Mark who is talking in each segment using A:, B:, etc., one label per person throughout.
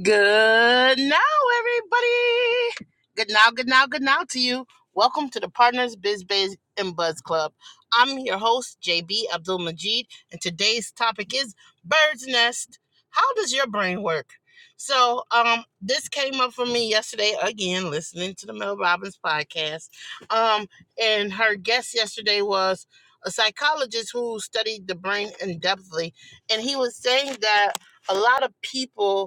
A: Good now, everybody. Good now, good now, good now to you. Welcome to the Partners Biz Biz and Buzz Club. I'm your host, JB Abdul Majid, and today's topic is Bird's Nest. How does your brain work? So, um, this came up for me yesterday again, listening to the Mel Robbins podcast. Um, and her guest yesterday was a psychologist who studied the brain in depthly, and he was saying that a lot of people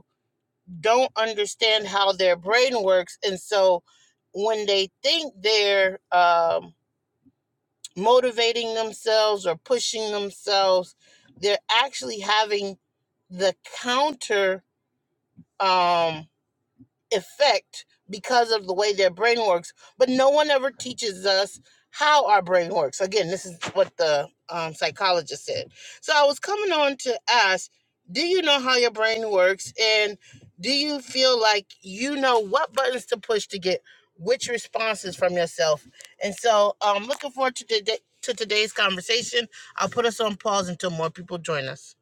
A: don't understand how their brain works and so when they think they're um, motivating themselves or pushing themselves they're actually having the counter um, effect because of the way their brain works but no one ever teaches us how our brain works again this is what the um, psychologist said so i was coming on to ask do you know how your brain works and do you feel like you know what buttons to push to get which responses from yourself and so i'm um, looking forward to today to today's conversation i'll put us on pause until more people join us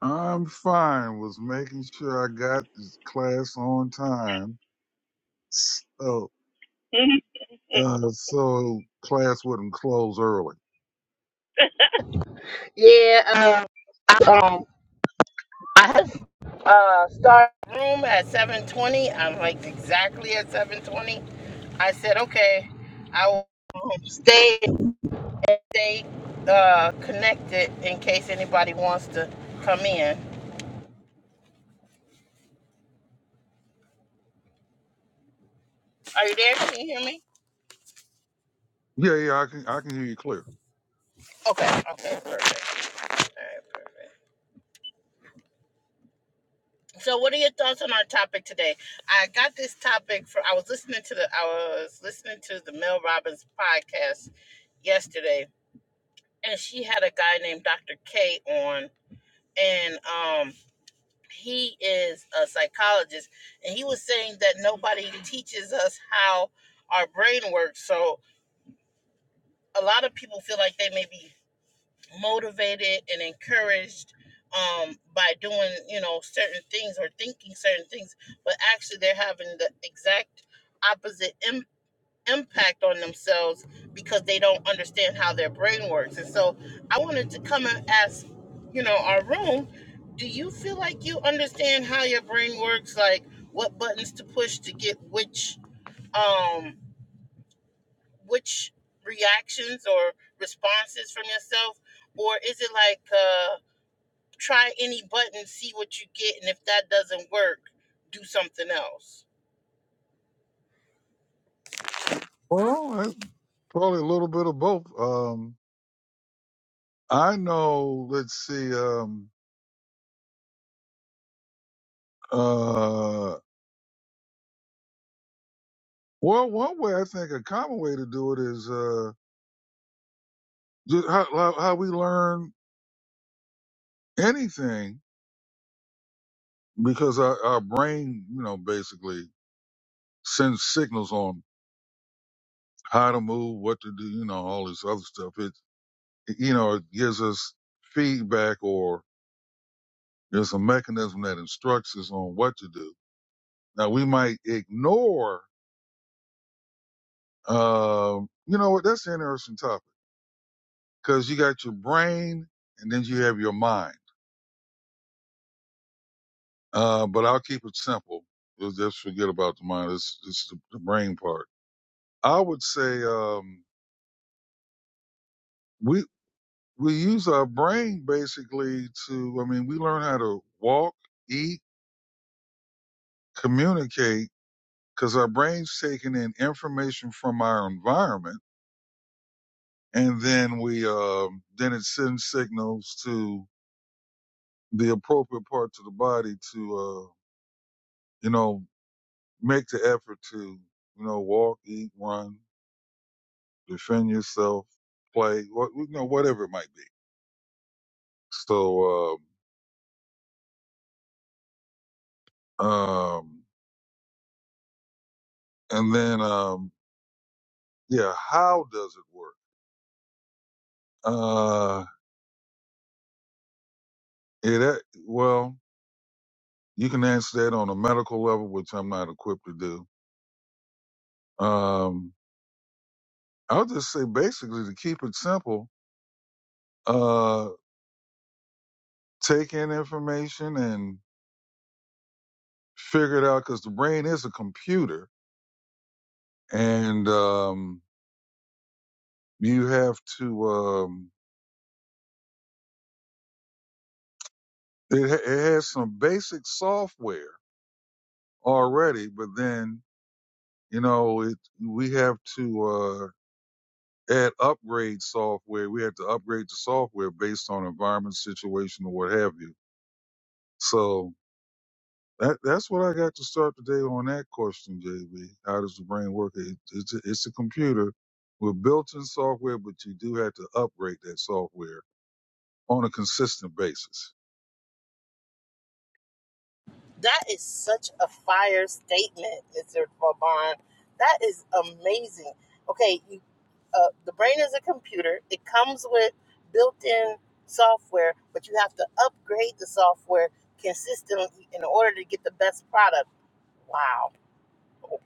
B: I'm fine. Was making sure I got this class on time. So, uh, so class wouldn't close early.
A: yeah um, I, um I have uh started room at 7:20. I'm like exactly at 7:20. I said, okay, I will stay stay uh connected in case anybody wants to come in. Are you there? Can you hear me?
B: Yeah, yeah, I can, I can hear you clear.
A: Okay. Okay. Perfect. All right. Perfect. So, what are your thoughts on our topic today? I got this topic for. I was listening to the. I was listening to the Mel Robbins podcast yesterday, and she had a guy named Dr. K on and um he is a psychologist and he was saying that nobody teaches us how our brain works so a lot of people feel like they may be motivated and encouraged um by doing you know certain things or thinking certain things but actually they're having the exact opposite impact impact on themselves because they don't understand how their brain works. And so I wanted to come and ask, you know, our room, do you feel like you understand how your brain works? Like what buttons to push to get which um which reactions or responses from yourself? Or is it like uh try any button, see what you get, and if that doesn't work, do something else?
B: Well, that's probably a little bit of both. Um, I know, let's see, um, uh, well, one way I think a common way to do it is, uh, just how, how, how we learn anything because our, our brain, you know, basically sends signals on how to move, what to do, you know, all this other stuff. It, you know, it gives us feedback or there's a mechanism that instructs us on what to do. Now we might ignore, um, you know what? That's an interesting topic because you got your brain and then you have your mind. Uh, but I'll keep it simple. Let's Just forget about the mind. It's, it's the, the brain part. I would say, um, we, we use our brain basically to, I mean, we learn how to walk, eat, communicate because our brain's taking in information from our environment and then we um then it sends signals to the appropriate parts of the body to uh you know make the effort to you know walk eat run defend yourself play what you know whatever it might be so um um and then um yeah how does it work uh it well You can answer that on a medical level, which I'm not equipped to do. Um, I'll just say basically to keep it simple, uh, take in information and figure it out because the brain is a computer and um, you have to, um, it, ha- it has some basic software already, but then, you know, it, we have to uh, add upgrade software. We have to upgrade the software based on environment, situation, or what have you. So That, that's what I got to start today on that question, JB. How does the brain work? It, it's, a, it's a computer with built-in software, but you do have to upgrade that software on a consistent basis.
A: That is such a fire statement, Mr. Vaughn. That is amazing. Okay, you, uh, the brain is a computer. It comes with built-in software, but you have to upgrade the software consistently in order to get the best product. Wow,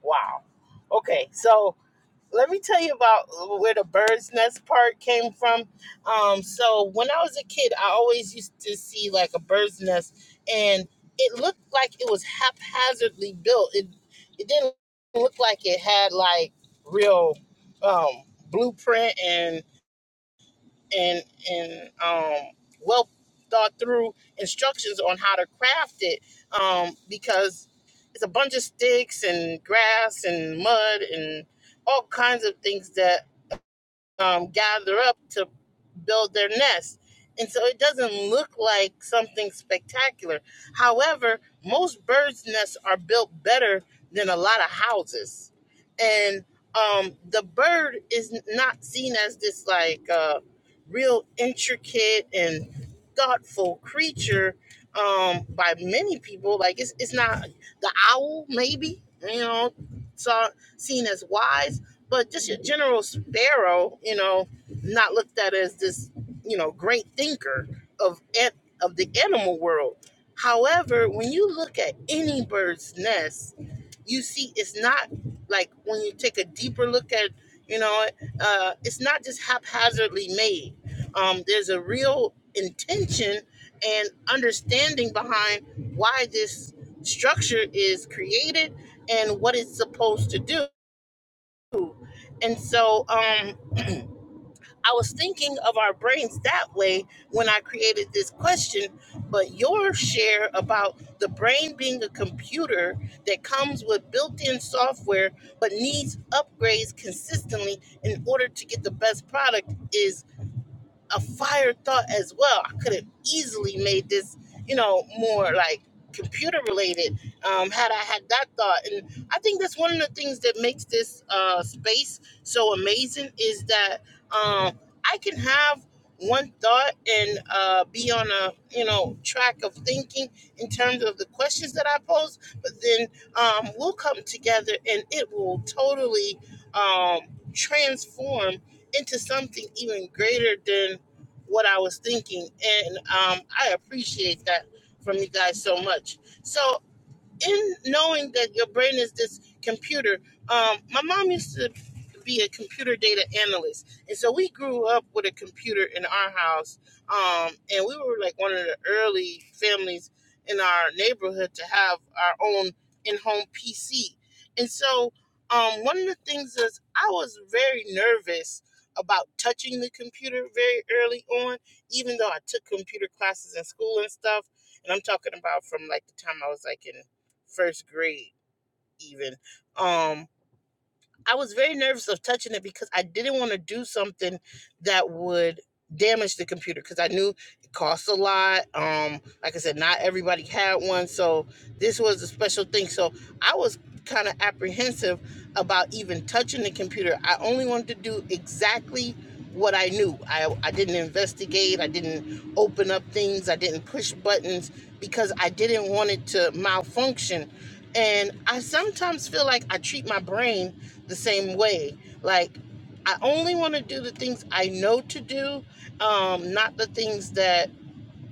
A: wow. Okay, so let me tell you about uh, where the bird's nest part came from. Um, so when I was a kid, I always used to see like a bird's nest, and it looked like it was haphazardly built. It it didn't look like it had like real um, blueprint and and and um, well thought through instructions on how to craft it um, because it's a bunch of sticks and grass and mud and all kinds of things that um, gather up to build their nest. And so it doesn't look like something spectacular. However, most birds' nests are built better than a lot of houses. And um, the bird is not seen as this like uh, real intricate and thoughtful creature um, by many people. Like it's, it's not the owl, maybe, you know, saw, seen as wise but just your general sparrow, you know, not looked at as this, you know, great thinker of of the animal world. However, when you look at any bird's nest, you see it's not like when you take a deeper look at, you know, uh, it's not just haphazardly made. Um, there's a real intention and understanding behind why this structure is created and what it's supposed to do and so um, I was thinking of our brains that way when I created this question, but your share about the brain being a computer that comes with built in software but needs upgrades consistently in order to get the best product is a fire thought as well. I could have easily made this, you know, more like computer related um, had I had that thought. And I think that's one of the things that makes this uh, space so amazing is that um, I can have one thought and uh, be on a you know track of thinking in terms of the questions that I pose, but then um, we'll come together and it will totally um, transform into something even greater than what I was thinking, and um, I appreciate that from you guys so much. So in knowing that your brain is this computer, um, my mom used to be a computer data analyst, and so we grew up with a computer in our house, um, and we were like one of the early families in our neighborhood to have our own in-home PC, and so um, one of the things is I was very nervous about touching the computer very early on, even though I took computer classes in school and stuff, and I'm talking about from like the time I was like in first grade even. Um I was very nervous of touching it because I didn't want to do something that would damage the computer because I knew it costs a lot. Um, like I said, not everybody had one, so this was a special thing. So I was kind of apprehensive about even touching the computer. I only wanted to do exactly what I knew. I, I didn't investigate, I didn't open up things, I didn't push buttons because I didn't want it to malfunction. And I sometimes feel like I treat my brain the same way. Like I only want to do the things I know to do, um, not the things that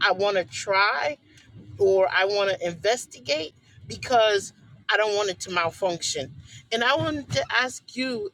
A: I want to try or I want to investigate because I don't want it to malfunction. And I wanted to ask you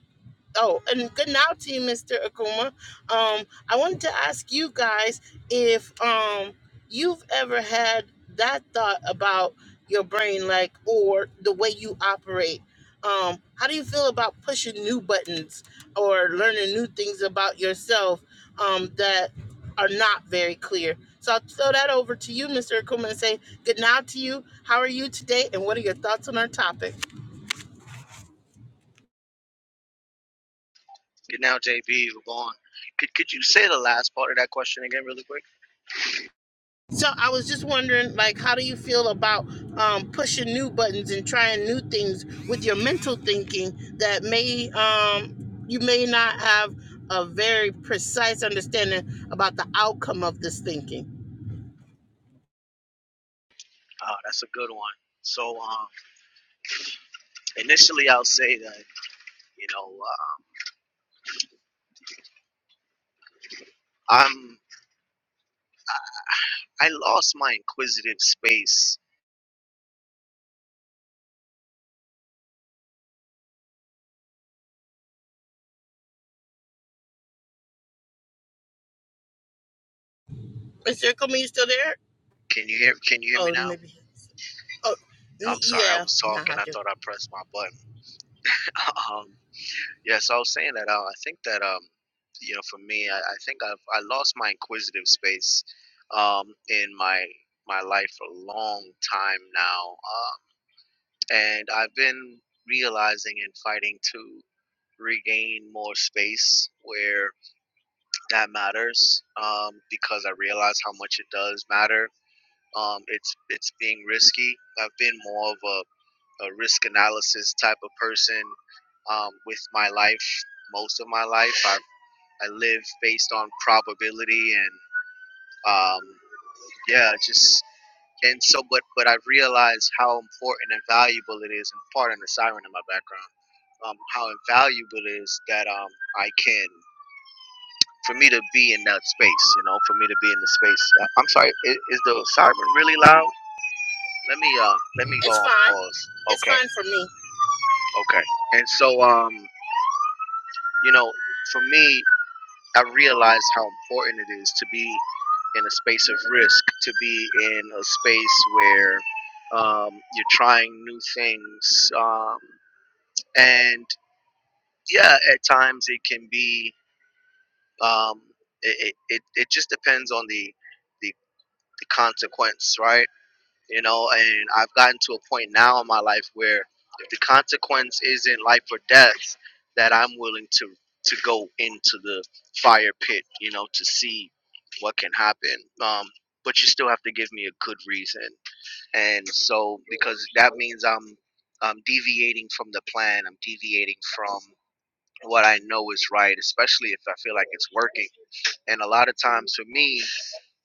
A: Oh, and good now to you, Mr. Akuma. Um, I wanted to ask you guys if um you've ever had that thought about your brain, like or the way you operate. Um, how do you feel about pushing new buttons or learning new things about yourself um, that are not very clear? So I'll throw that over to you, Mr. Akuma, and say good now to you. How are you today, and what are your thoughts on our topic?
C: Good now, JB, Vaughn. Could could you say the last part of that question again, really quick?
A: So I was just wondering, like, how do you feel about um, pushing new buttons and trying new things with your mental thinking that may um, you may not have a very precise understanding about the outcome of this thinking?
C: Uh, that's a good one. So um, initially, I'll say that you know uh, I'm I lost my inquisitive space.
A: Is there coming? You still there?
C: Can you hear Can you hear me
A: Oh,
C: now?
A: maybe. Oh, n-
C: I'm sorry, I
A: yeah.
C: was
A: Nah,
C: talking.
A: I
C: I
A: do.
C: thought I pressed my button. Um, yeah, so I was saying that uh, I think that um, you know, for me, I, I think I've I lost my inquisitive space um, in my my life for a long time now. Uh, And I've been realizing and fighting to regain more space where that matters um, because I realize how much it does matter. Um, it's it's being risky. I've been more of a, a risk analysis type of person um, with my life. Most of my life, i I live based on probability and um, yeah, just and so but but I've realized how important and valuable it is and pardon the siren in my background um, how invaluable it is that um, I can, for me to be in that space, you know, for me to be in the space. Uh, I'm sorry, is, is the siren really loud? Let me uh, let me go
A: It's
C: on
A: fine.
C: pause.
A: It's
C: Okay,
A: fine for me.
C: okay. And so um, you know, for me, I realize how important it is to be in a space of risk, to be in a space where um, you're trying new things, um, and yeah, at times it can be um, it, it, it just depends on the, the the consequence, right? You know, and I've gotten to a point now in my life where if the consequence isn't life or death, that I'm willing to to go into the fire pit, you know, to see what can happen. Um, but you still have to give me a good reason, and so because that means I'm I'm deviating from the plan. I'm deviating from what I know is right, especially if I feel like it's working and a lot of times for me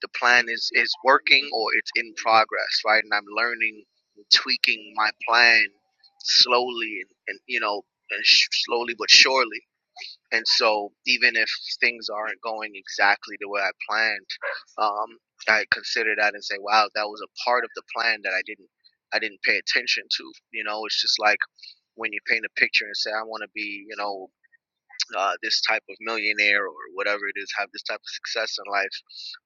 C: the plan is is working or it's in progress right and i'm learning and tweaking my plan slowly and, and you know and sh- slowly but surely and so even if things aren't going exactly the way i planned um, i consider that and say wow that was a part of the plan that i didn't i didn't pay attention to you know it's just like when you paint a picture and say i want to be you know uh, this type of millionaire or whatever it is, have this type of success in life,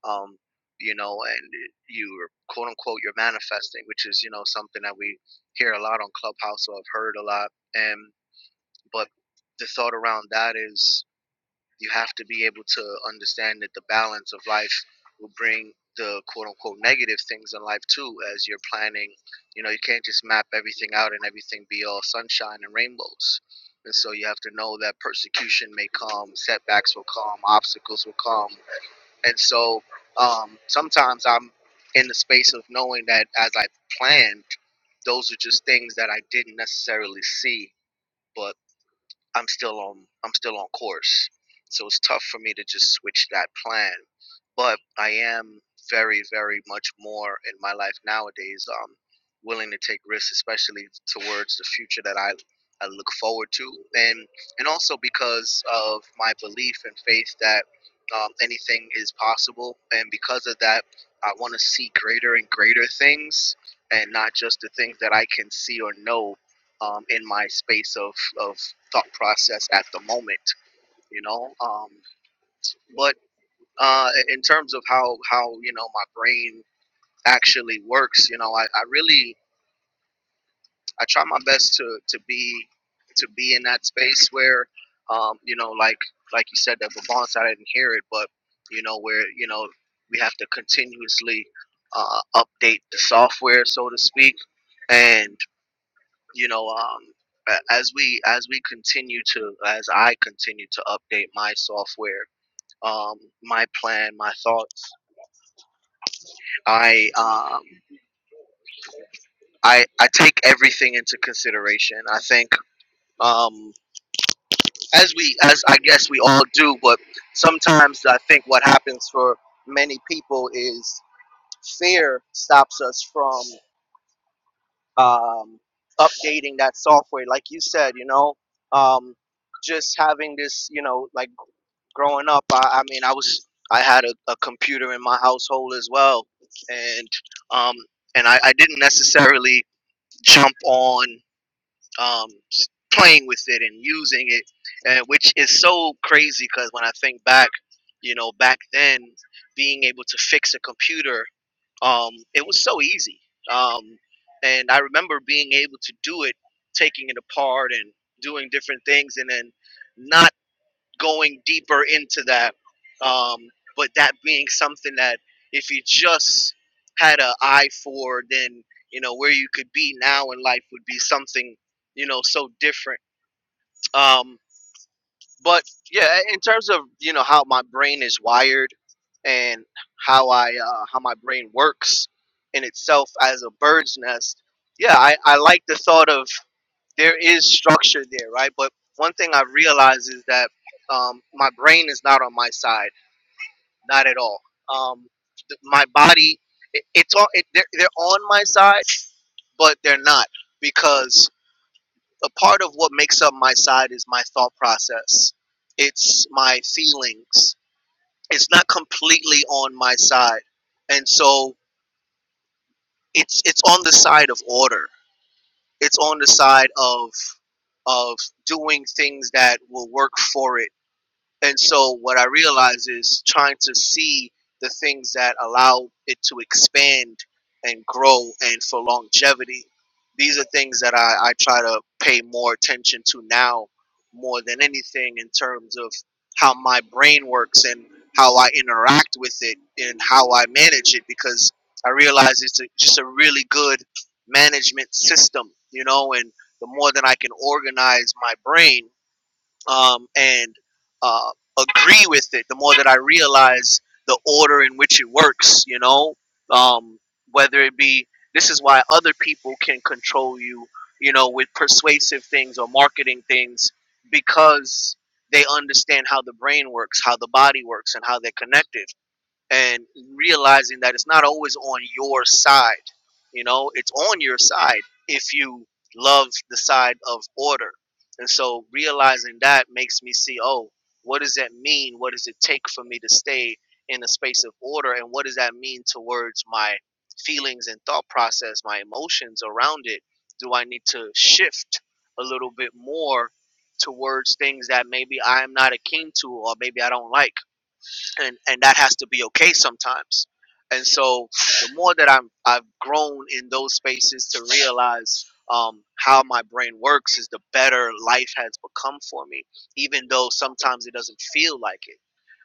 C: um, you know, and you're quote unquote you're manifesting, which is you know something that we hear a lot on Clubhouse or I've heard a lot, and but the thought around that is you have to be able to understand that the balance of life will bring the quote unquote negative things in life too as you're planning. You know, you can't just map everything out and everything be all sunshine and rainbows. And so you have to know that persecution may come, setbacks will come, obstacles will come. And so um, sometimes I'm in the space of knowing that as I planned, those are just things that I didn't necessarily see. But I'm still on I'm still on course. So it's tough for me to just switch that plan. But I am very, very much more in my life nowadays, um, willing to take risks, especially towards the future that I, I look forward to and and also because of my belief and faith that um, anything is possible and because of that I want to see greater and greater things and not just the things that I can see or know um, in my space of, of thought process at the moment, you know. Um, but uh, in terms of how, how you know my brain actually works, you know, I, I really I try my best to, to be to be in that space where um, you know like like you said that Vivance, I didn't hear it, but you know where you know we have to continuously uh, update the software, so to speak, and you know um a- as we as we continue to as i continue to update my software um my plan my thoughts i um i i take everything into consideration i think um as we as i guess we all do but sometimes i think what happens for many people is fear stops us from um updating that software like you said you know um just having this you know like growing up, I, I mean, I was I had a, a computer in my household as well, and um, and I, I didn't necessarily jump on um, s- playing with it and using it, and which is so crazy because when I think back, you know, back then being able to fix a computer, um, it was so easy, um, and I remember being able to do it, taking it apart and doing different things, and then not going deeper into that. Um, but that being something that if you just had an eye for, then you know where you could be now in life would be something you know so different. Um, but yeah, in terms of you know how my brain is wired and how I uh, how my brain works in itself as a bird's nest, yeah, I, I like the thought of there is structure there, right? But one thing I realize is that um, my brain is not on my side, not at all. Um, th- my body, it, it's all it, they're, they're on my side, but they're not because a part of what makes up my side is my thought process. It's my feelings. It's not completely on my side, and so it's it's on the side of order. It's on the side of of doing things that will work for it And so what I realize is trying to see the things that allow it to expand and grow and for longevity. These are things that I, I try to pay more attention to now more than anything in terms of how my brain works and how I interact with it and how I manage it because I realize it's a, just a really good management system, you know, and the more that I can organize my brain um, and uh, agree with it, the more that I realize the order in which it works, you know, um, whether it be this is why other people can control you, you know, with persuasive things or marketing things because they understand how the brain works, how the body works, and how they're connected and realizing that it's not always on your side. You know, it's on your side if you love the side of order. And so realizing that makes me see, oh, what does that mean? What does it take for me to stay in a space of order? And what does that mean towards my feelings and thought process, my emotions around it? Do I need to shift a little bit more towards things that maybe I'm not akin to or maybe I don't like? and and that has to be okay sometimes and so the more that i'm i've grown in those spaces to realize um, how my brain works is the better life has become for me even though sometimes it doesn't feel like it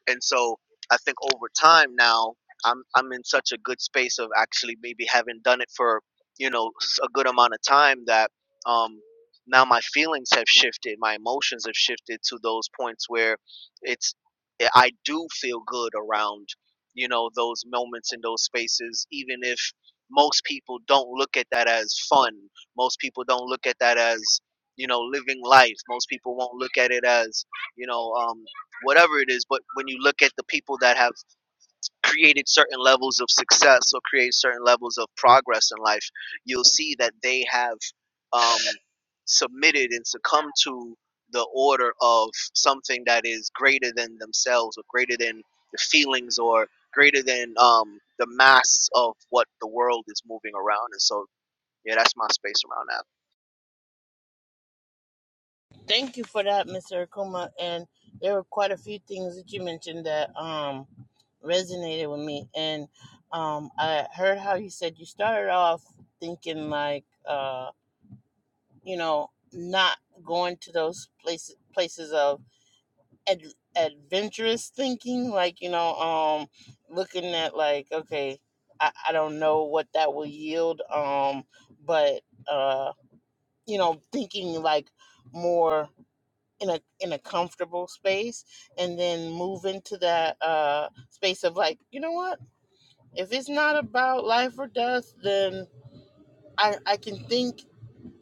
C: and so I think over time now, I'm I'm in such a good space of actually maybe having done it for you know s- a good amount of time that um, now my feelings have shifted, my emotions have shifted to those points where it's I I do feel good around you know those moments in those spaces, even if most people don't look at that as fun. Most people don't look at that as you know living life. Most people won't look at it as you know um whatever it is but when you look at the people that have created certain levels of success or create certain levels of progress in life you'll see that they have um, submitted and succumbed to the order of something that is greater than themselves or greater than the feelings or greater than um, the mass of what the world is moving around and so yeah that's my space around that
A: Thank you for that, Mr. Akuma. And there were quite a few things that you mentioned that um, resonated with me. And um, I heard how you said you started off thinking like, uh, you know, not going to those places places of ad- adventurous thinking, like you know, um, looking at like, okay, I, I don't know what that will yield, um, but uh, you know, thinking like more in a in a comfortable space and then move into that uh space of like you know what if it's not about life or death then i i can think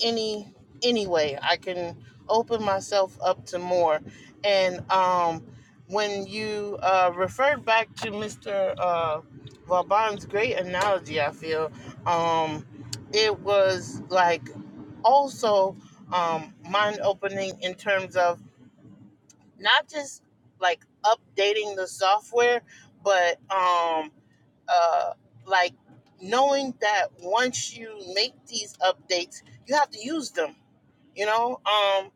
A: any anyway i can open myself up to more and um when you uh referred back to mr uh vaban's great analogy i feel um it was like also um mind opening in terms of not just like updating the software, but um uh like knowing that once you make these updates, you have to use them you know um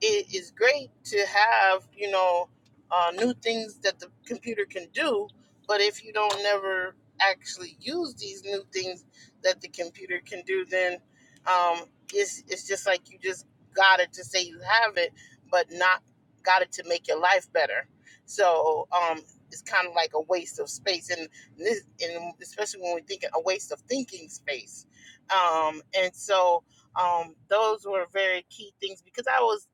A: it is great to have you know uh, new things that the computer can do but if you don't never actually use these new things that the computer can do then um it's it's just like you just got it to say you have it but not got it to make your life better so um it's kind of like a waste of space and this and especially when we're thinking a waste of thinking space um and so um, those were very key things because I was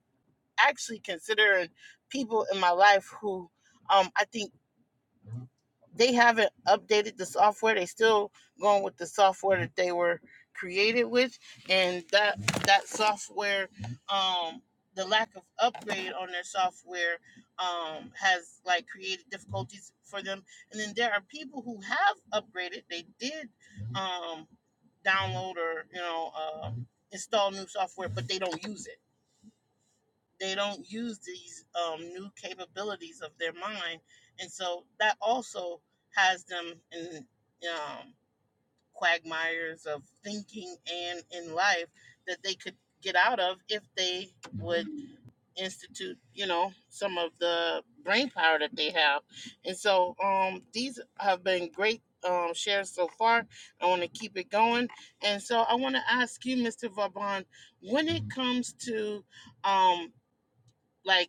A: actually considering people in my life who um, I think they haven't updated the software. They still going with the software that they were created with, and that that software, um, the lack of upgrade on their software, um, has like created difficulties for them. And then there are people who have upgraded. They did, um, download or you know, uh, install new software, but they don't use it they don't use these um, new capabilities of their mind and so that also has them in um, quagmires of thinking and in life that they could get out of if they would institute you know some of the brain power that they have and so um, these have been great um, shares so far i want to keep it going and so i want to ask you mr vaban when it comes to um, like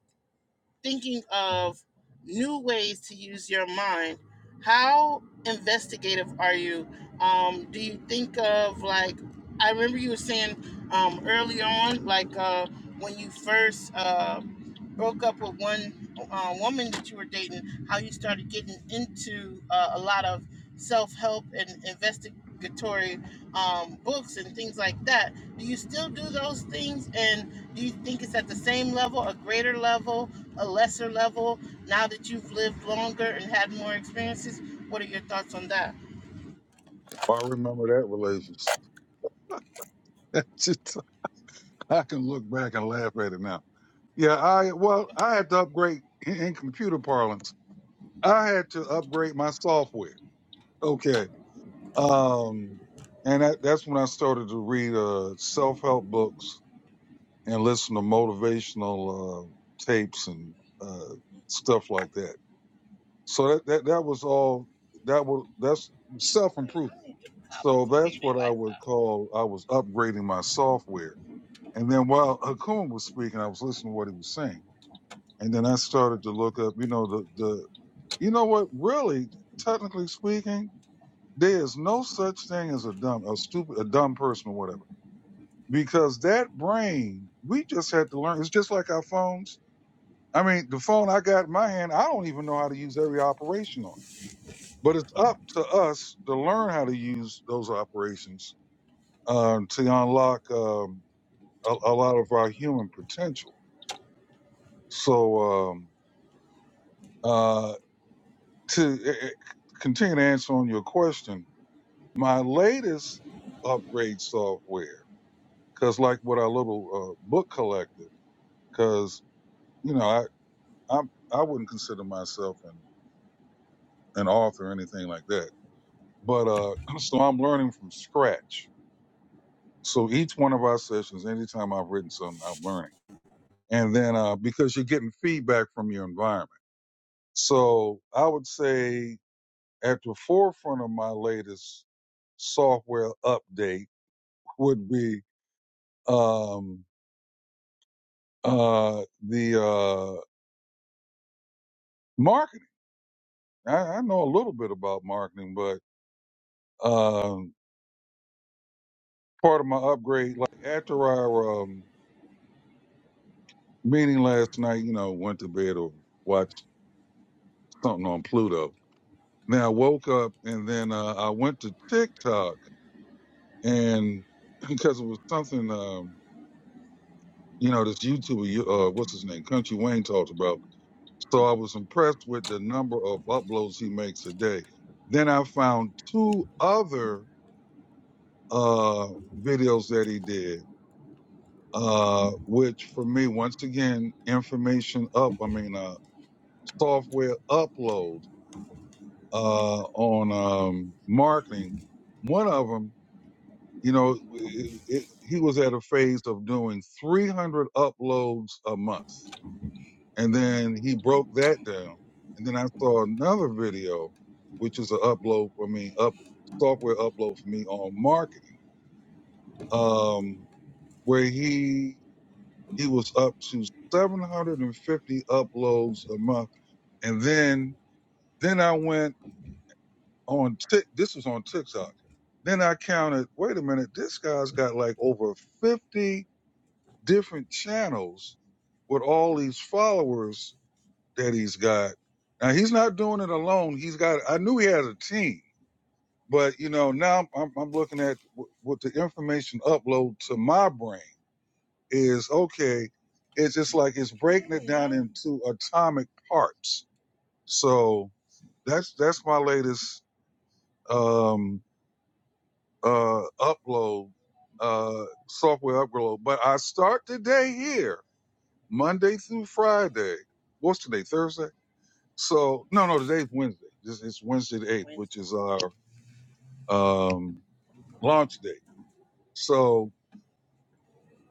A: thinking of new ways to use your mind. How investigative are you? Um, do you think of like I remember you were saying um, early on, like uh, when you first. Uh, broke up with one uh, woman that you were dating, how you started getting into uh, a lot of self help and investigatory um, books and things like that. Do you still do those things? And do you think it's at the same level, a greater level, a lesser level, now that you've lived longer and had more experiences? What are your thoughts on that?
B: I remember that relationship. That's Just- I can look back and laugh at it now. Yeah, I well, I had to upgrade in, in computer parlance. I had to upgrade my software. Okay, um, and that, that's when I started to read uh, self-help books and listen to motivational uh, tapes and uh, stuff like that. So that, that that was all. That was that's self improvement. So that's what I would call I was upgrading my software. And then while Hakum was speaking, I was listening to what he was saying. And then I started to look up. You know the the you know what really technically speaking, there is no such thing as a dumb a stupid a dumb person or whatever because that brain we just had to learn. It's just like our phones I mean, the phone I got in my hand, I don't even know how to use every operation on. it. But it's up to us to learn how to use those operations um, to unlock um, a, a lot of our human potential. So um, uh, to eh, eh, continue to answer on your question, my latest upgrade software, because like with our little uh, book collective, because you know I, I I wouldn't consider myself an an author or anything like that But uh, so I'm learning from scratch. So each one of our sessions, anytime I've written something, I'm learning. And then uh, because you're getting feedback from your environment. So I would say at the forefront of my latest software update would be um, uh, the uh, marketing. I, I know a little bit about marketing, but um, part of my upgrade, like after our um, meeting last night, you know, went to bed or watched. something on Pluto. Now I woke up and then uh, I went to TikTok and because it was something, um, you know, this YouTuber, uh, what's his name, Country Wayne talked about. So I was impressed with the number of uploads he makes a day. Then I found two other uh, videos that he did, uh, which for me, once again, information up. I mean, uh, software upload uh, on um, marketing. One of them. You know, it, it, he was at a phase of doing 300 uploads a month. And then he broke that down. And then I saw another video, which is an upload for me, up software upload for me on marketing, um, where he, he was up to 750 uploads a month. And then then I went on Tik. This was on TikTok. Then I counted. Wait a minute, this guy's got like over fifty different channels with all these followers that he's got. Now he's not doing it alone. He's got. I knew he had a team, but you know now I'm I'm, looking at what the information upload to my brain is. Okay, it's just like it's breaking it
A: Mm,
B: down into atomic parts. So that's that's my latest um uh upload uh software upload. But I start the day here Monday through Friday. What's today? Thursday? So no, no, today's Wednesday. This is Wednesday the eighth,
A: yeah.
B: which is our um launch day. So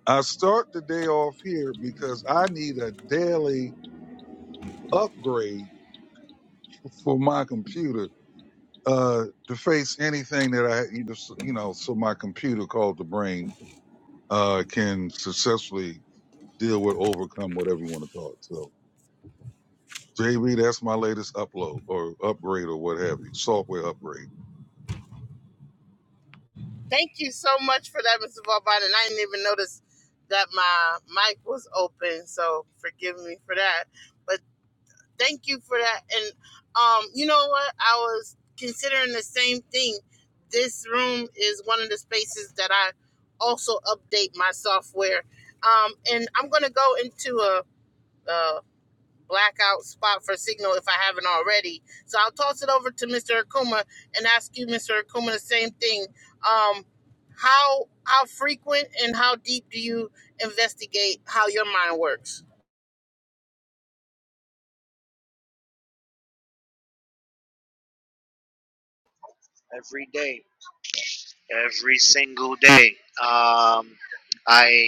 B: I start the day off here because I need a daily upgrade for my computer uh to face anything that I you know so you know, so my computer called the brain uh can successfully deal with overcome whatever you want to call it. So JB, that's my latest upload or upgrade or what have you, software upgrade.
A: Thank you so much for that, Mr. Vauban. And I didn't even notice that my mic was open, so forgive me for that. But thank you for that. And um, you know what? I was considering the same thing. This room is one of the spaces that I also update my software. Um, and I'm gonna go into a, a blackout spot for signal if I haven't already. So I'll toss it over to Mr. Akuma and ask you, Mr. Akuma, the same thing. Um, how how frequent and how deep do you investigate how your mind works?
C: every day every single day um, I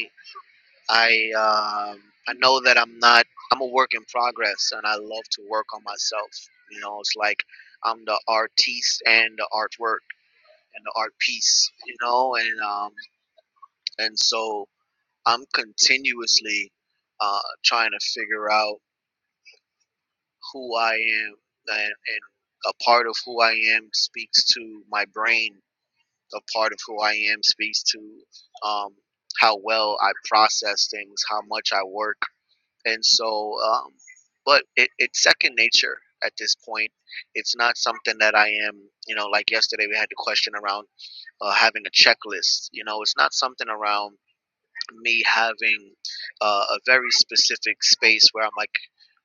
C: I um I know that I'm not. I'm a work in progress, and I love to work on myself. You know, it's like I'm the artiste and the artwork and the art piece. You know, and um and so I'm continuously uh, trying to figure out who I am, and, and a part of who I am speaks to my brain. A part of who I am speaks to um, how well I process things, how much I work and so um, but it, it's second nature at this point it's not something that i am you know like yesterday we had the question around uh, having a checklist you know it's not something around me having uh, a very specific space where i'm like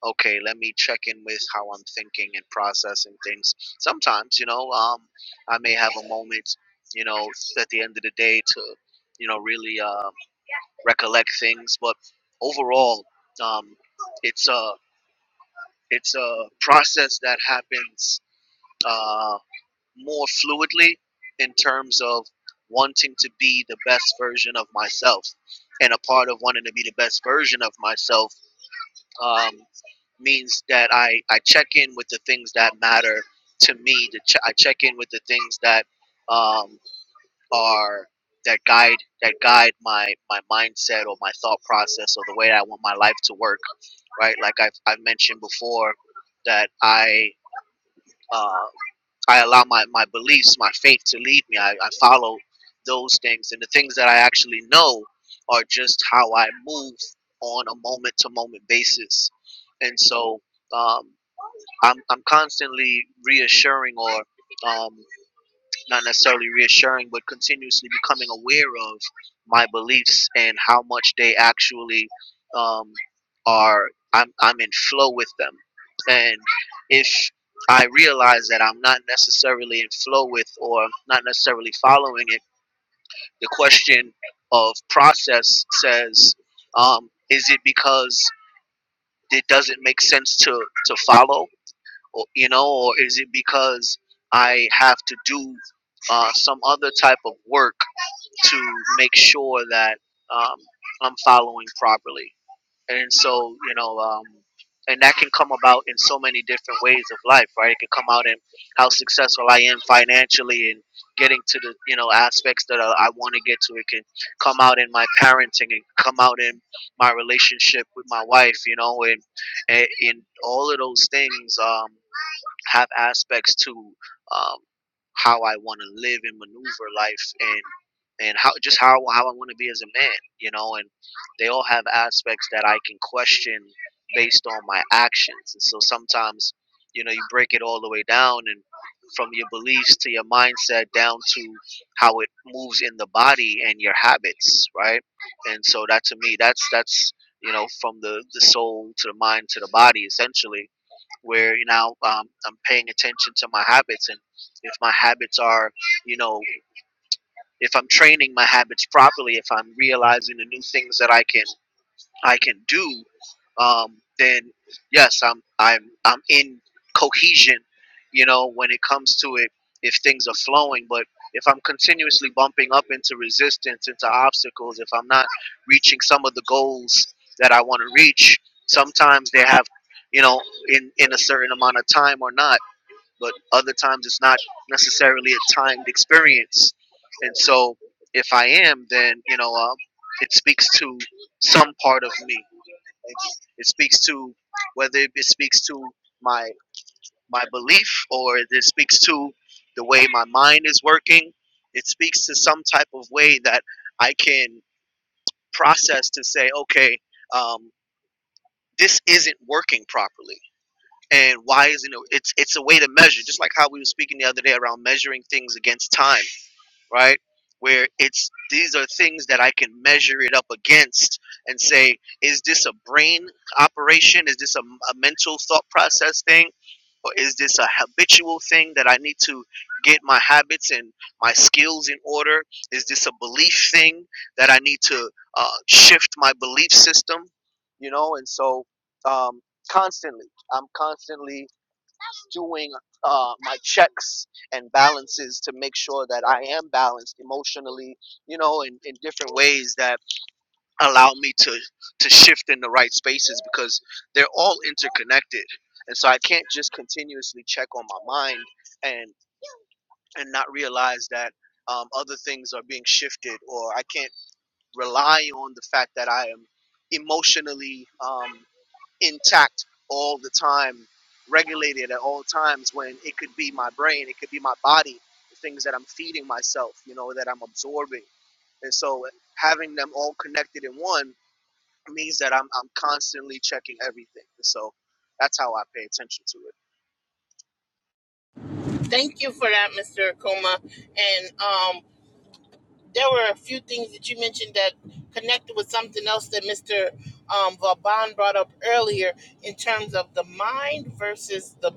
C: okay let me check in with how i'm thinking and processing things sometimes you know um, i may have a moment you know at the end of the day to you know really uh, recollect things. But overall, um, it's a it's a process that happens uh, more fluidly in terms of wanting to be the best version of myself. And a part of wanting to be the best version of myself um, means that I, I check in with the things that matter to me. To ch- I check in with the things that um, are that guide that guide my my mindset or my thought process or the way I want my life to work. Right, like I've I've mentioned before that I uh, I allow my my beliefs, my faith to lead me. I, I follow those things, and the things that I actually know are just how I move on a moment to moment basis. And so um, I'm I'm constantly reassuring or um, not necessarily reassuring, but continuously becoming aware of my beliefs and how much they actually um, are. I'm I'm in flow with them, and if I realize that I'm not necessarily in flow with or not necessarily following it, the question of process says, um, is it because it doesn't make sense to to follow? or, you know, or is it because I have to do uh, some other type of work to make sure that um, I'm following properly? And so, you know, um, and that can come about in so many different ways of life, right? It can come out in how successful I am financially and getting to the, you know, aspects that I, I want to get to. It can come out in my parenting and come out in my relationship with my wife, you know, and, and, and all of those things. Um, have aspects to um, how I want to live and maneuver life and and how just how how I want to be as a man, you know, and they all have aspects that I can question based on my actions. And so sometimes, you know, you break it all the way down and from your beliefs to your mindset down to how it moves in the body and your habits, right? And so that to me that's that's you know, from the, the soul to the mind to the body essentially where you know um, I'm paying attention to my habits and if my habits are you know if I'm training my habits properly if I'm realizing the new things that I can I can do, um, then yes, I'm I'm I'm in cohesion. You know, when it comes to it, if things are flowing, but if I'm continuously bumping up into resistance, into obstacles, if I'm not reaching some of the goals that I want to reach, sometimes they have, you know, in in a certain amount of time or not but other times it's not necessarily a timed experience. And so if I am, then you know, um, it speaks to some part of me. It, it speaks to whether it speaks to my my belief or it speaks to the way my mind is working. It speaks to some type of way that I can process to say, okay, um, this isn't working properly and why isn't it it's it's a way to measure just like how we were speaking the other day around measuring things against time right? Where it's these are things that I can measure it up against and say, is this a brain operation? Is this a, a mental thought process thing? Or is this a habitual thing that I need to get my habits and my skills in order? Is this a belief thing that I need to uh, shift my belief system? You know, and so um, constantly, I'm constantly doing uh, my checks and balances to make sure that I am balanced emotionally, you know, in, in different ways that allow me to, to shift in the right spaces because they're all interconnected. And so I can't just continuously check on my mind and, and not realize that um, other things are being shifted or I can't rely on the fact that I am emotionally um, intact all the time, regulated at all times when it could be my brain, it could be my body, the things that I'm feeding myself, you know, that I'm absorbing. And so having them all connected in one means that I'm, I'm constantly checking everything. And so that's how I pay attention to it.
A: Thank you for that, Mr. Akuma. And um, there were a few things that you mentioned that connected with something else that Mr. Um, Vaban brought up earlier in terms of the mind versus the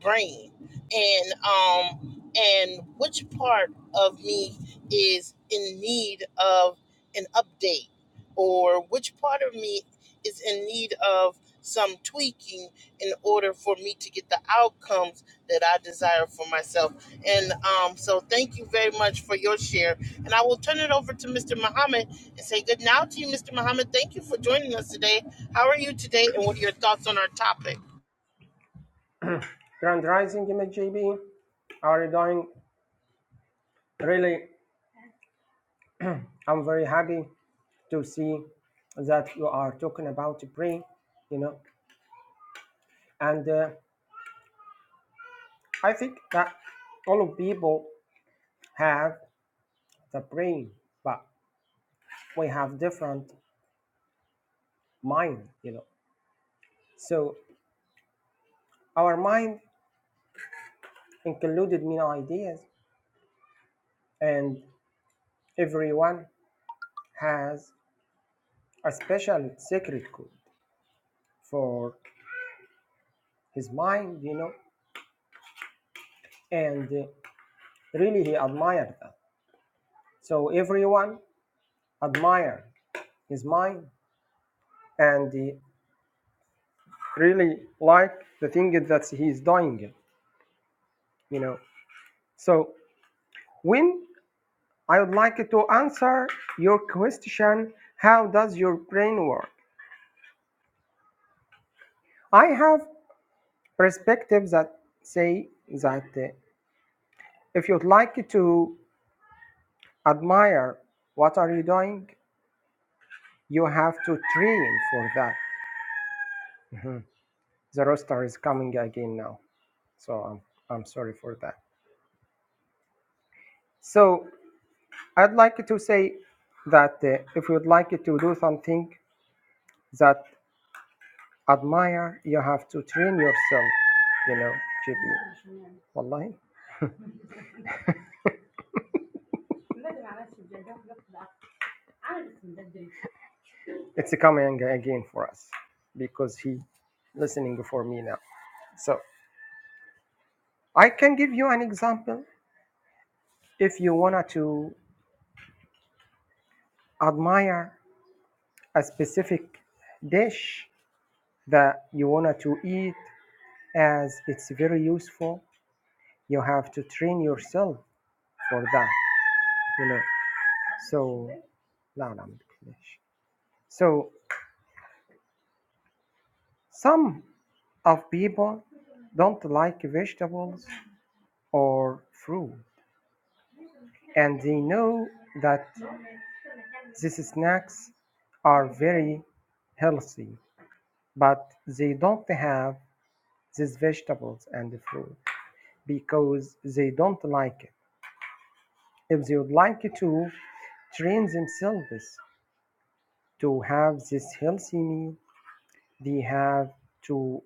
A: brain and um and which part of me is in need of an update or which part of me is in need of some tweaking in order for me to get the outcomes that I desire for myself. And um, so, thank you very much for your share. And I will turn it over to Mr. Muhammad and say good now to you, Mr. Muhammad. Thank you for joining us today. How are you today, and what are your thoughts on our topic?
D: Grand Rising MJB, how are doing? Really, I'm very happy to see that you are talking about brain, you know. And uh, I think that all of people have the brain, but we have different mind, you know. So our mind included many ideas, and everyone has a special secret code for his mind, you know, and uh, really he admired that So everyone admire his mind and he really like the thing that he's doing, you know. So when I would like to answer your question, how does your brain work? I have perspectives that say that uh, if you'd like to admire what are you doing, you have to train for that. Mhm. The roster is coming again now, so I'm, I'm sorry for that. So I'd like to say that uh, if you'd like to do something that admire, you have to train yourself, you know, GB. Wallahi. It's coming again for us because he listening for me now. So I can give you an example. If you wanted to admire a specific dish that you wanted to eat as it's very useful, you have to train yourself for that, you know. So, لا لا ما تقلقش. So some of people don't like vegetables or fruit, and they know that these snacks are very healthy, but they don't have these vegetables and fruit because they don't like it. If they would like to train themselves to have this healthy meal, they have to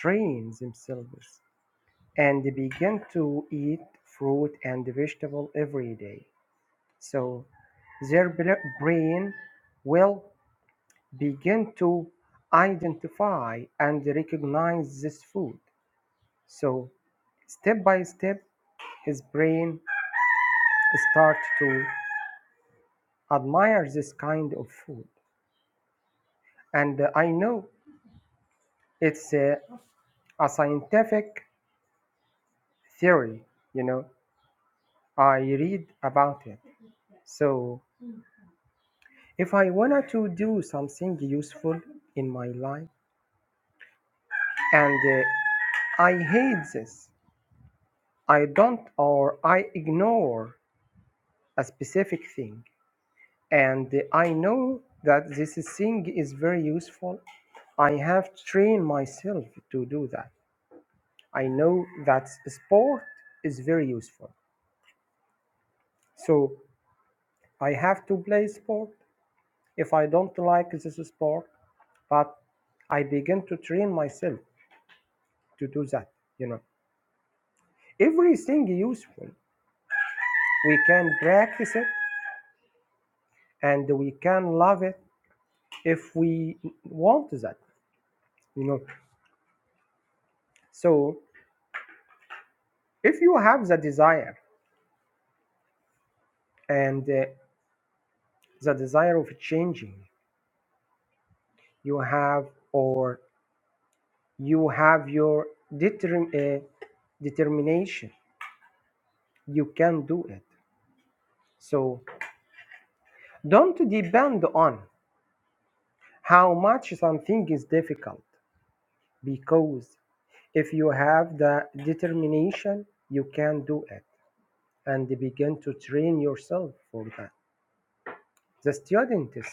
D: train themselves and they began to eat fruit and vegetable every day. So their bra- brain will begin to identify and recognize this food. So step by step, his brain start to admire this kind of food. And uh, I know it's a, a scientific theory, you know, I read about it. So If I wanted to do something useful in my life and uh, I hate this, I don't or I ignore a specific thing and I know that this thing is very useful. I have trained myself to do that. I know that sport is very useful. So I have to play sport if I don't like this sport, but I begin to train myself to do that, you know. Everything useful. We can practice it and we can love it if we want that, you know. So if you have the desire and uh, the desire of changing, you have or you have your determ- uh, determination, you can do it. So don't depend on how much something is difficult because if you have the determination, you can do it. and begin to train yourself for that. The students,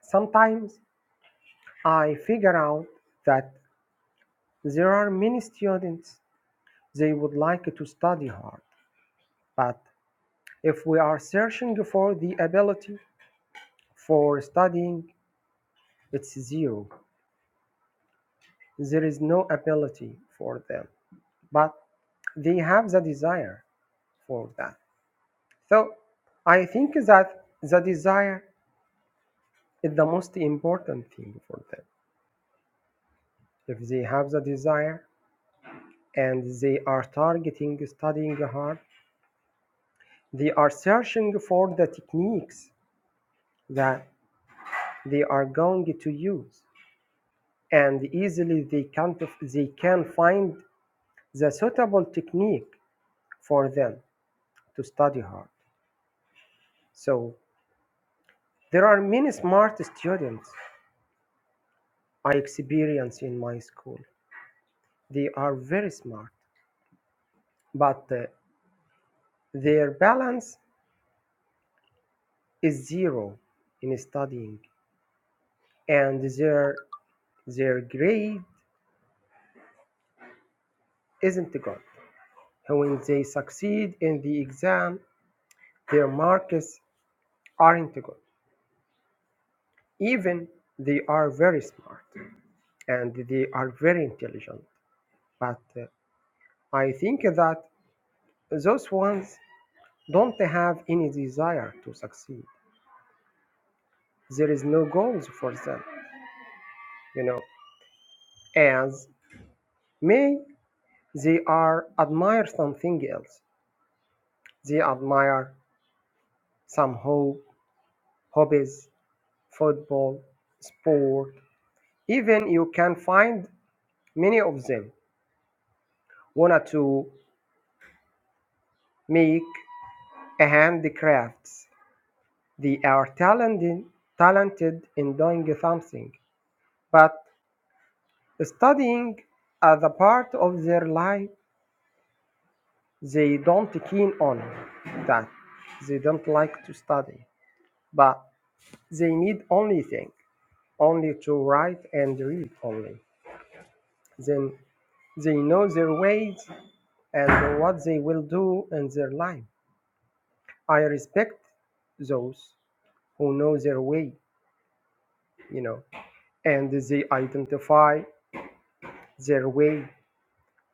D: sometimes I figure out that there are many students, they would like to study hard, but if we are searching for the ability for studying, it's zero. There is no ability for them, but they have the desire for that. So I think that the desire is the most important thing for them. If they have the desire, and they are targeting studying hard. They are searching for the techniques that they are going to use, and easily they can they can find the suitable technique for them to study hard. So there are many smart students I experience in my school. They are very smart, but uh, their balance is zero in studying, and their their grade isn't good. When they succeed in the exam, their marks aren't good. Even they are very smart and they are very intelligent. But uh, I think that those ones don't have any desire to succeed. There is no goals for them, you know, as may they are admire something else. They admire some hope, hobbies, football, sport. Even you can find many of them wanted to make handicrafts. They are talented, talented in doing something, but studying as a part of their life, they don't keen on that. They don't like to study, but they need only thing, only to write and read only. Then they know their ways and what they will do in their life. I respect those who know their way, you know. and they identify their way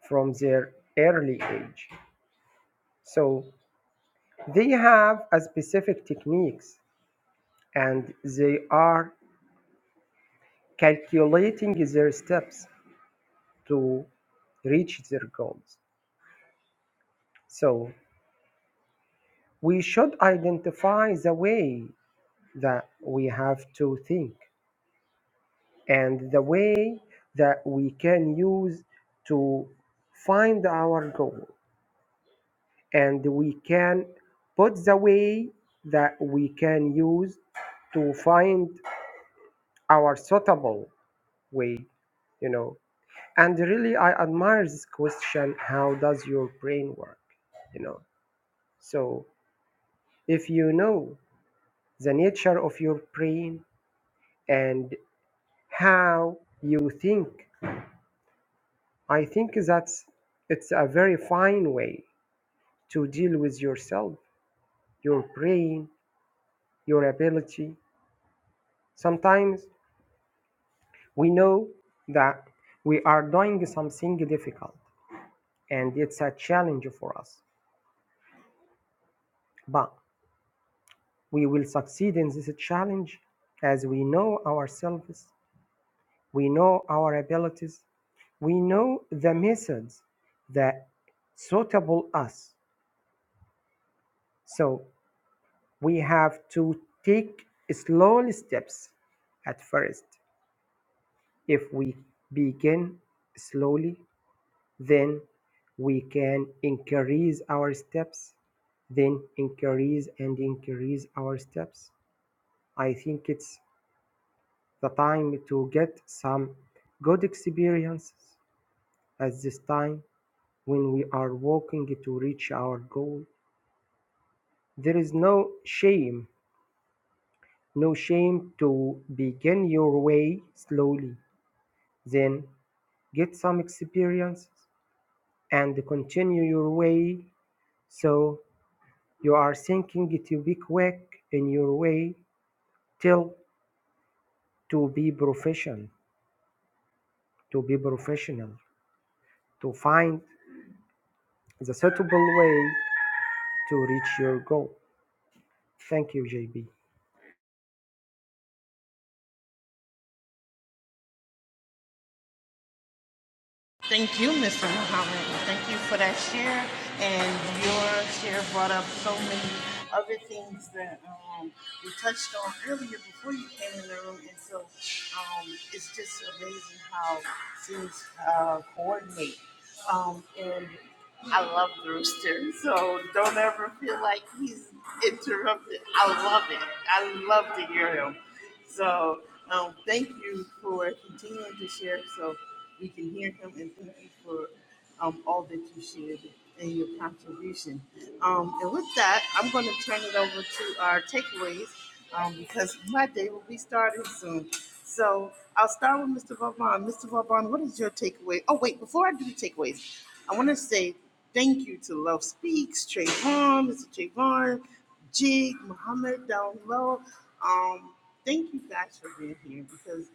D: from their early age. So they have a specific techniques and they are calculating their steps to reach their goals. So we should identify the way that we have to think and the way that we can use to find our goal and we can put the way that we can use to find our suitable way you know and really i admire this question how does your brain work you know so if you know the nature of your brain and how you think i think that's it's a very fine way to deal with yourself your brain your ability sometimes We know that we are doing something difficult and it's a challenge for us, but we will succeed in this challenge as we know ourselves, we know our abilities, we know the methods that suitable us. So we have to take slowly steps at first. If we begin slowly, then we can increase our steps then increase and increase our steps i think it's the time to get some good experiences at this time when we are walking to reach our goal there is no shame no shame to begin your way slowly then get some experiences and continue your way so You are thinking to be quick in your way till to be profession, to be professional, to find the suitable way to reach your goal. Thank you, JB.
A: Thank you, Mr. Muhammad. Thank you for that share. And your share brought up so many other things that um, we touched on earlier before you came in the room. And so um, it's just amazing how things uh, coordinate. Um, and I love the rooster, so don't ever feel like he's interrupted. I love it. I love to hear him. So um, thank you for continuing to share. So we can hear him and thank you for um, all that you shared and your contribution. Um, and with that, I'm going to turn it over to our takeaways um, because my day will be starting soon. So I'll start with Mr. Vaughn. Mr. Vaughn, what is your takeaway? Oh, wait, before I do the takeaways, I want to say thank you to Love Speaks, Trayvon, Mr. Trayvon, Jig, Muhammad down low. Um, thank you guys for being here because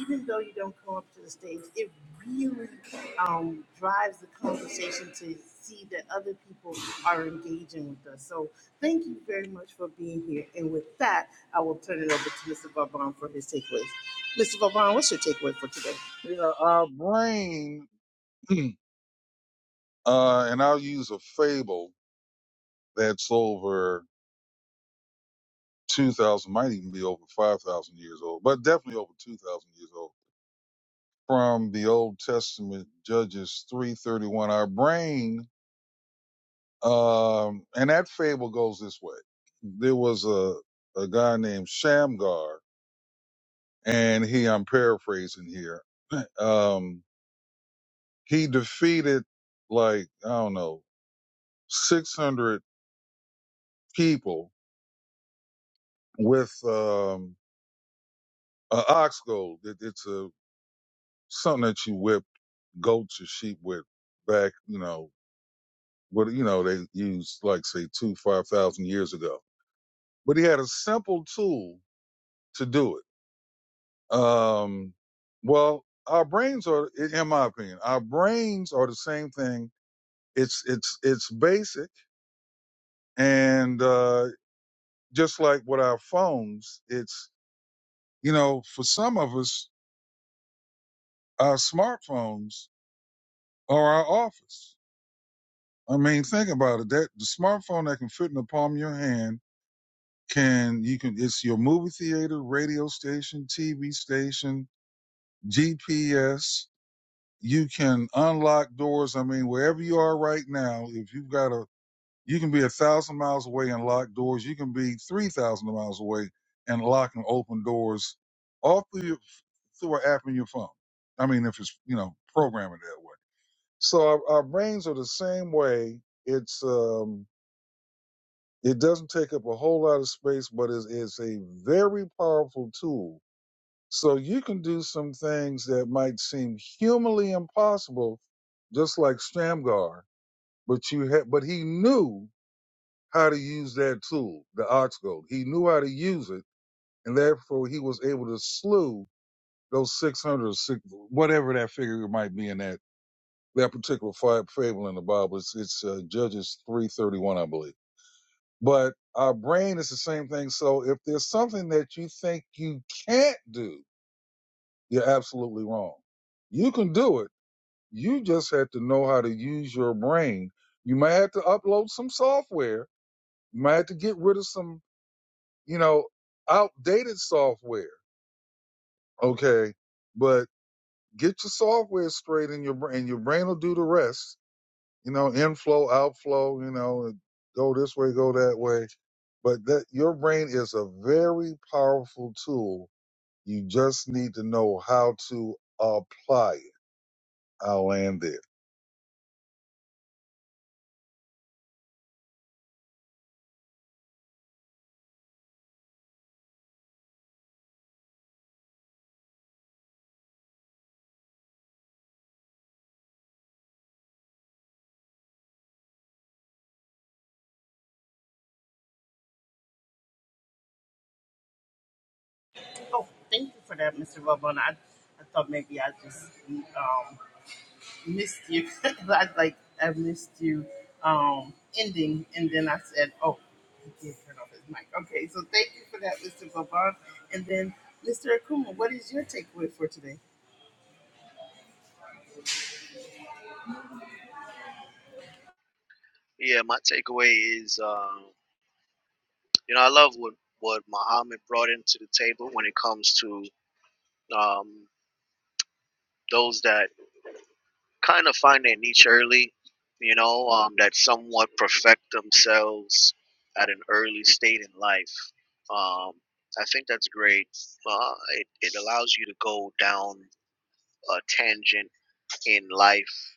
A: even though you don't come up to the stage, it really um, drives the conversation to see that other people are engaging with us. So thank you very much for being here. And with that, I will turn it over to Mr. Vauban for his takeaways. Mr. Vauban, what's your takeaway for today?
B: Yeah, our brain, uh, and I'll use a fable that's over 2,000, might even be over 5,000 years old, but definitely over 2,000 years old. From the Old Testament, Judges 331, our brain, um, and that fable goes this way. There was a, a guy named Shamgar, and he, I'm paraphrasing here, um, he defeated like, I don't know, 600 people with um, an ox goad. It, it's a something that you whip goats or sheep with back, you know, what you know they used like say two five thousand years ago. But he had a simple tool to do it. Um, well, our brains are, in in my opinion, our brains are the same thing. It's it's it's basic, and uh, just like with our phones, it's you know for some of us, our smartphones are our office I mean, think about it. That the smartphone that can fit in the palm of your hand can you can it's your movie theater, radio station, TV station, GPS. You can unlock doors. I mean, wherever you are right now, if you've got a you can be a thousand miles away and lock doors. You can be three thousand miles away and lock and open doors all through your, through an app in your phone. I mean, if it's you know programming that way. So our, our brains are the same way. It's um It doesn't take up a whole lot of space, but it's, it's a very powerful tool. So you can do some things that might seem humanly impossible, just like Shamgar, but you ha- but he knew how to use that tool, the ox goad. He knew how to use it, and therefore he was able to slew those 600 whatever that figure might be in that, that particular fi- fable in the Bible. It's, it's uh, Judges 331, I believe. But our brain is the same thing. So if there's something that you think you can't do, you're absolutely wrong. You can do it. You just have to know how to use your brain. You might have to upload some software. You might have to get rid of some, you know, outdated software. Okay. But get your software straight in your brain. Your brain will do the rest you know, inflow, outflow, you know, go this way, go that way. But that your brain is a very powerful tool. You just need to know how to apply it. I'll land there.
A: Oh, thank you for that, Mr. Vauban. I, I thought maybe I just um, missed you. I like I missed you um ending and then I said, Oh, he did turn off his mic. Okay, so thank you for that, Mr. Vaughn. And then Mr. Akuma, what is your takeaway for today?
C: Yeah, my takeaway is, um, you know, I love what, what Muhammad brought into the table when it comes to um, those that kind of find their niche early, you know, um, that somewhat perfect themselves at an early state in life. Um, I think that's great. Uh, it, it allows you to go down a tangent in life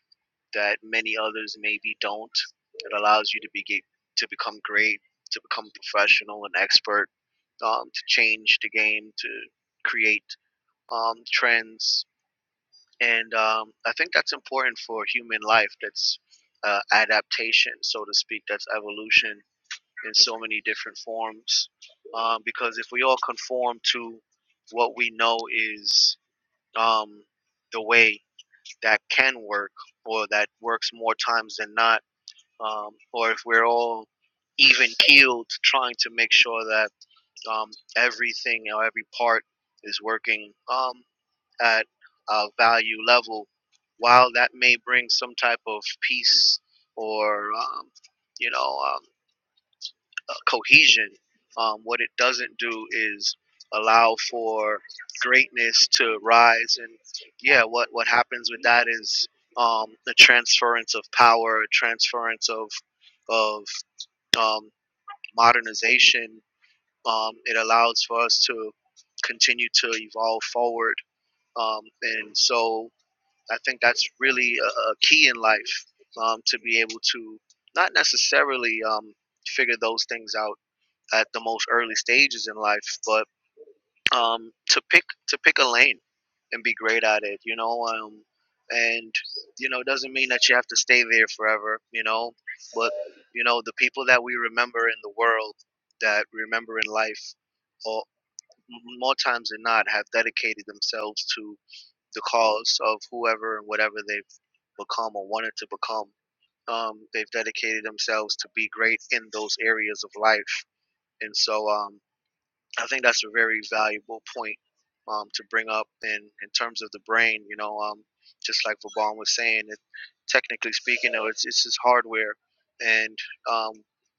C: that many others maybe don't. It allows you to be to become great, to become professional and expert, um, to change the game, to create um, trends, and um, I think that's important for human life. That's uh, adaptation, so to speak. That's evolution in so many different forms. Um, because if we all conform to what we know is um, the way that can work, or that works more times than not, um, or if we're all even keeled, trying to make sure that um, everything or every part is working um, at a value level, while that may bring some type of peace or um, you know um, uh, cohesion, um, what it doesn't do is allow for greatness to rise. And yeah, what what happens with that is um, the transference of power, transference of of um, modernization. Um, it allows for us to continue to evolve forward. Um, and so I think that's really a, a key in life um, to be able to not necessarily um, figure those things out at the most early stages in life, but um, to pick to pick a lane and be great at it, you know. Um, and you know, it doesn't mean that you have to stay there forever, you know. But you know, the people that we remember in the world that we remember in life, or more times than not, have dedicated themselves to the cause of whoever and whatever they become or wanted to become. Um, they've dedicated themselves to be great in those areas of life, and so um, I think that's a very valuable point um, to bring up in, in terms of the brain. You know, um, just like Vaban was saying, it, technically speaking, though, it's, it's just hardware. And um,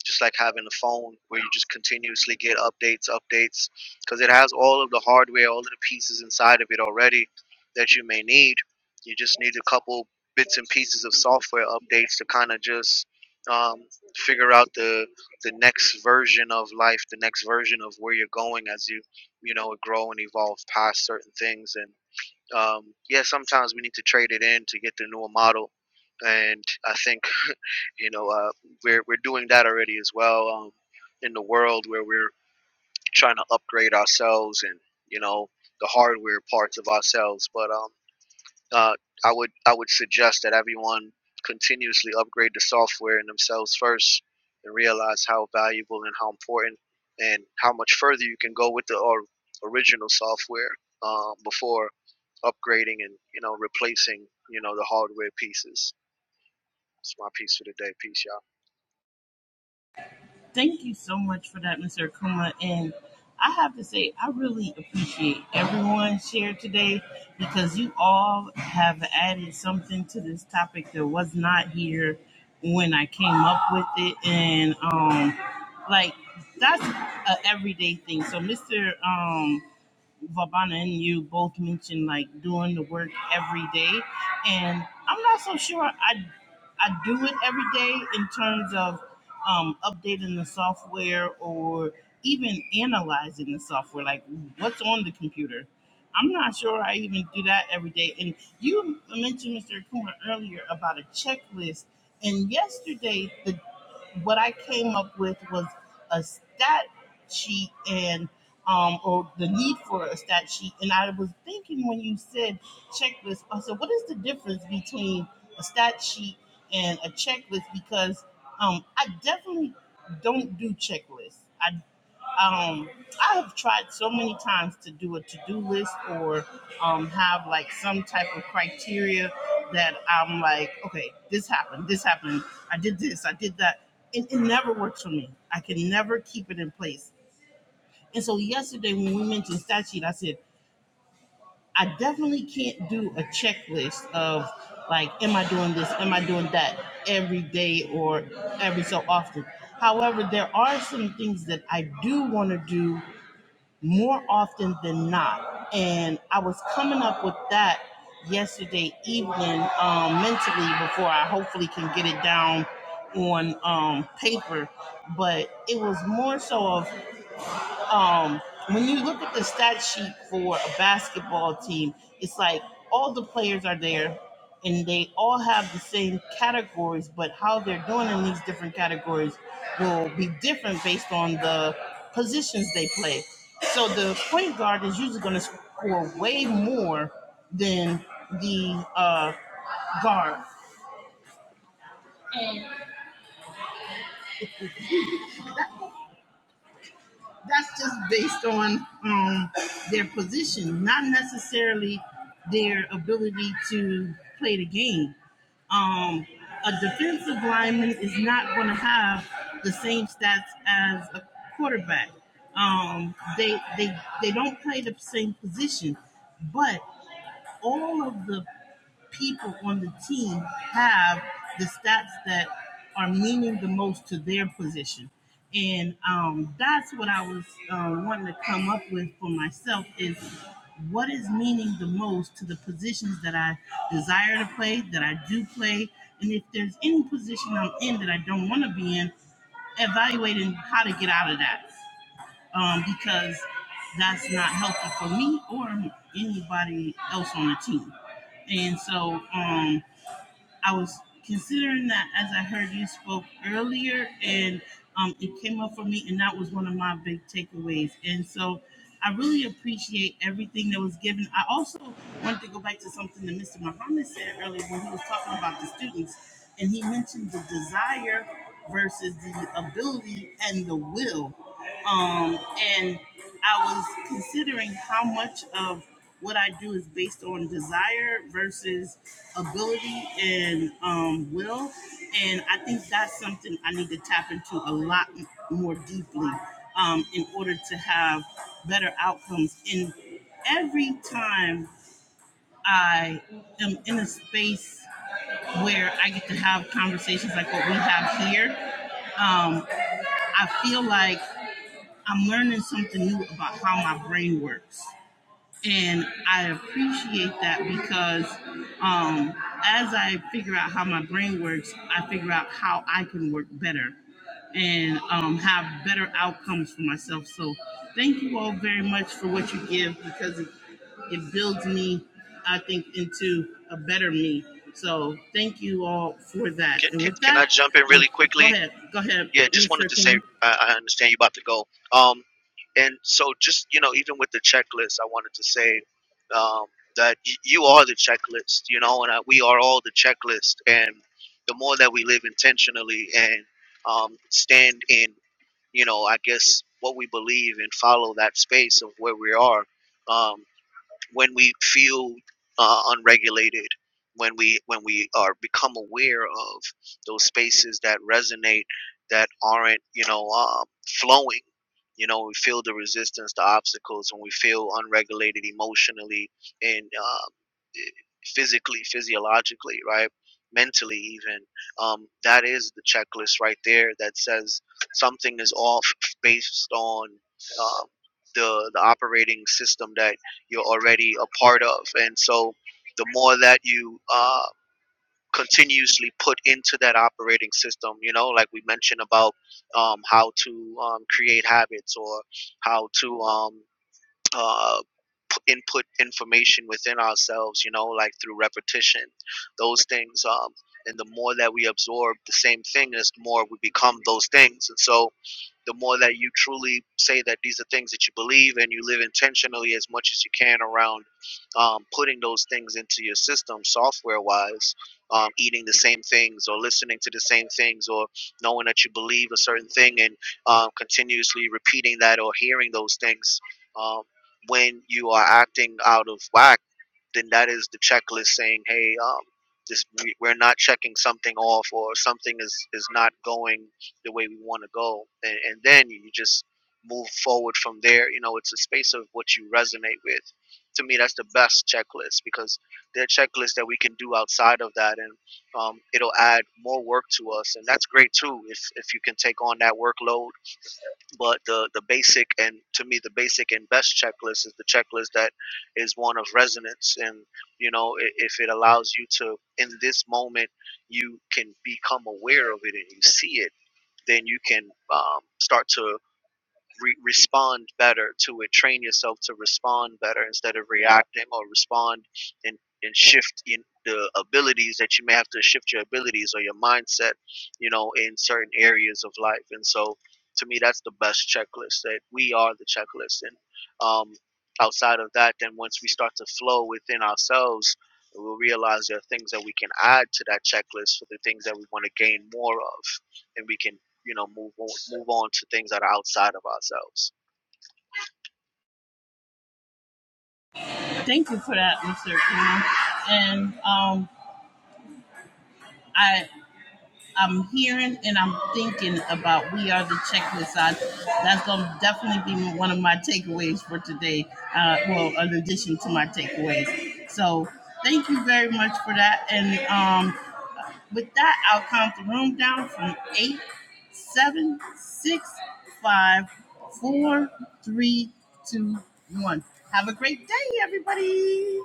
C: just like having a phone where you just continuously get updates, updates, because it has all of the hardware, all of the pieces inside of it already that you may need. You just need a couple bits and pieces of software updates to kind of just um, figure out the the next version of life, the next version of where you're going as you, you know, grow and evolve past certain things. And um, yeah, sometimes we need to trade it in to get the newer model. And I think you know uh, we're we're doing that already as well um, in the world where we're trying to upgrade ourselves and you know the hardware parts of ourselves. But um, uh, I would I would suggest that everyone continuously upgrade the software and themselves first, and realize how valuable and how important and how much further you can go with the or, original software um, before upgrading and you know replacing you know the hardware pieces. That's my piece for the day. Peace, y'all.
A: Thank you so much for that, Mr. Akuma. And I have to say, I really appreciate everyone's share today because you all have added something to this topic that was not here when I came up with it. And um, like, that's an everyday thing. So, Mr. Vabana and you both mentioned like doing the work every day, and I'm not so sure I I do it every day in terms of um, updating the software or even analyzing the software, like what's on the computer. I'm not sure I even do that every day. And you mentioned Mr. Kuma earlier about a checklist, and yesterday the what I came up with was a stat sheet and um, or the need for a stat sheet. And I was thinking when you said checklist, I said, what is the difference between a stat sheet and a checklist? Because um, I definitely don't do checklists. I um I have tried so many times to do a to-do list or um have like some type of criteria that I'm like, okay, this happened, this happened, I did this, I did that. It, it never works for me. I can never keep it in place. And so yesterday when we mentioned stat sheet, I said, I definitely can't do a checklist of like, am I doing this? Am I doing that every day or every so often? However, there are some things that I do want to do more often than not. And I was coming up with that yesterday evening um, mentally before I hopefully can get it down on um, paper. But it was more so of um, when you look at the stat sheet for a basketball team, it's like all the players are there and they all have the same categories, but how they're doing in these different categories will be different based on the positions they play. So the point guard is usually going to score way more than the uh, guard that's just based on um, their position, not necessarily their ability to play the game. Um, a defensive lineman is not going to have the same stats as a quarterback. Um, they they they don't play the same position, but all of the people on the team have the stats that are meaning the most to their position. And um, that's what I was uh, wanting to come up with for myself is what is meaning the most to the positions that I desire to play, that I do play, and if there's any position I'm in that I don't want to be in, evaluating how to get out of that um, because that's not healthy for me or anybody else on the team. And so um, I was considering that as I heard you spoke earlier, and um, it came up for me, and that was one of my big takeaways. And so I really appreciate everything that was given. I also wanted to go back to something that Mr. Muhammad said earlier when he was talking about the students, and he mentioned the desire versus the ability and the will. Um, and I was considering how much of what I do is based on desire versus ability and um, will. And I think that's something I need to tap into a lot m- more deeply um, in order to have better outcomes. And every time I am in a space where I get to have conversations like what we have here, um, I feel like I'm learning something new about how my brain works. And I appreciate that because um, as I figure out how my brain works, I figure out how I can work better and um, have better outcomes for myself. So thank you all very much for what you give because it, it builds me, I think, into a better me. So thank you all for that. And
C: can,
A: with
C: can I
A: that,
C: jump in
A: I'm
C: really
A: gonna, go
C: quickly?
A: ahead, go ahead,
C: Yeah, just wanted
A: Mr.
C: to say
A: Kumar.
C: I, I understand you about to go. Um, and so just you know, even with the checklist, I wanted to say um, that y- you are the checklist. You know, and I, we are all the checklist. And the more that we live intentionally and um, stand in, you know, I guess what we believe and follow that space of where we are. Um, when we feel uh, unregulated, when we when we are become aware of those spaces that resonate, that aren't you know um, flowing, you know we feel the resistance, the obstacles, when we feel unregulated emotionally and uh, physically, physiologically, right? Mentally, even. Um, that is the checklist right there that says something is off based on um, the, the operating system that you're already a part of. And so the more that you uh, continuously put into that operating system, you know, like we mentioned about um, how to um, create habits or how to. Um, uh, p- input information within ourselves, you know, like through repetition, those things. Um, and the more that we absorb the same thing, is the more we become those things. And so the more that you truly say that these are things that you believe and you live intentionally as much as you can around um, putting those things into your system software wise um, eating the same things or listening to the same things or knowing that you believe a certain thing and um, continuously repeating that or hearing those things um, when you are acting out of whack then that is the checklist saying, hey, um, this we, we're not checking something off or something is is not going the way we want to go, and, and then you just move forward from there. You know, it's a space of what you resonate with. To me, that's the best checklist because there are checklists that we can do outside of that, and um, it'll add more work to us, and that's great too. If if you can take on that workload but the the basic and to me the basic and best checklist is the checklist that is one of resonance and you know i- if it allows you to in this moment you can become aware of it and you see it then you can um, start to re- respond better to it. Train yourself to respond better instead of reacting or respond and, and shift in the abilities that you may have to shift your abilities or your mindset, you know, in certain areas of life. And so to me, that's the best checklist that we are the checklist. And um, outside of that, then once we start to flow within ourselves, we'll realize there are things that we can add to that checklist for the things that we want to gain more of. And we can you know move on, move on to things that are outside of ourselves
A: Thank you for that, Mr. Akuma. And um, I, I'm hearing and I'm thinking about we are the checklist. I, that's going to definitely be one of my takeaways for today. Uh, well, in addition to my takeaways. So thank you very much for that. And um, with that, I'll count the room down from eight, seven, six, five, four, three, two, one. Have a great day, everybody.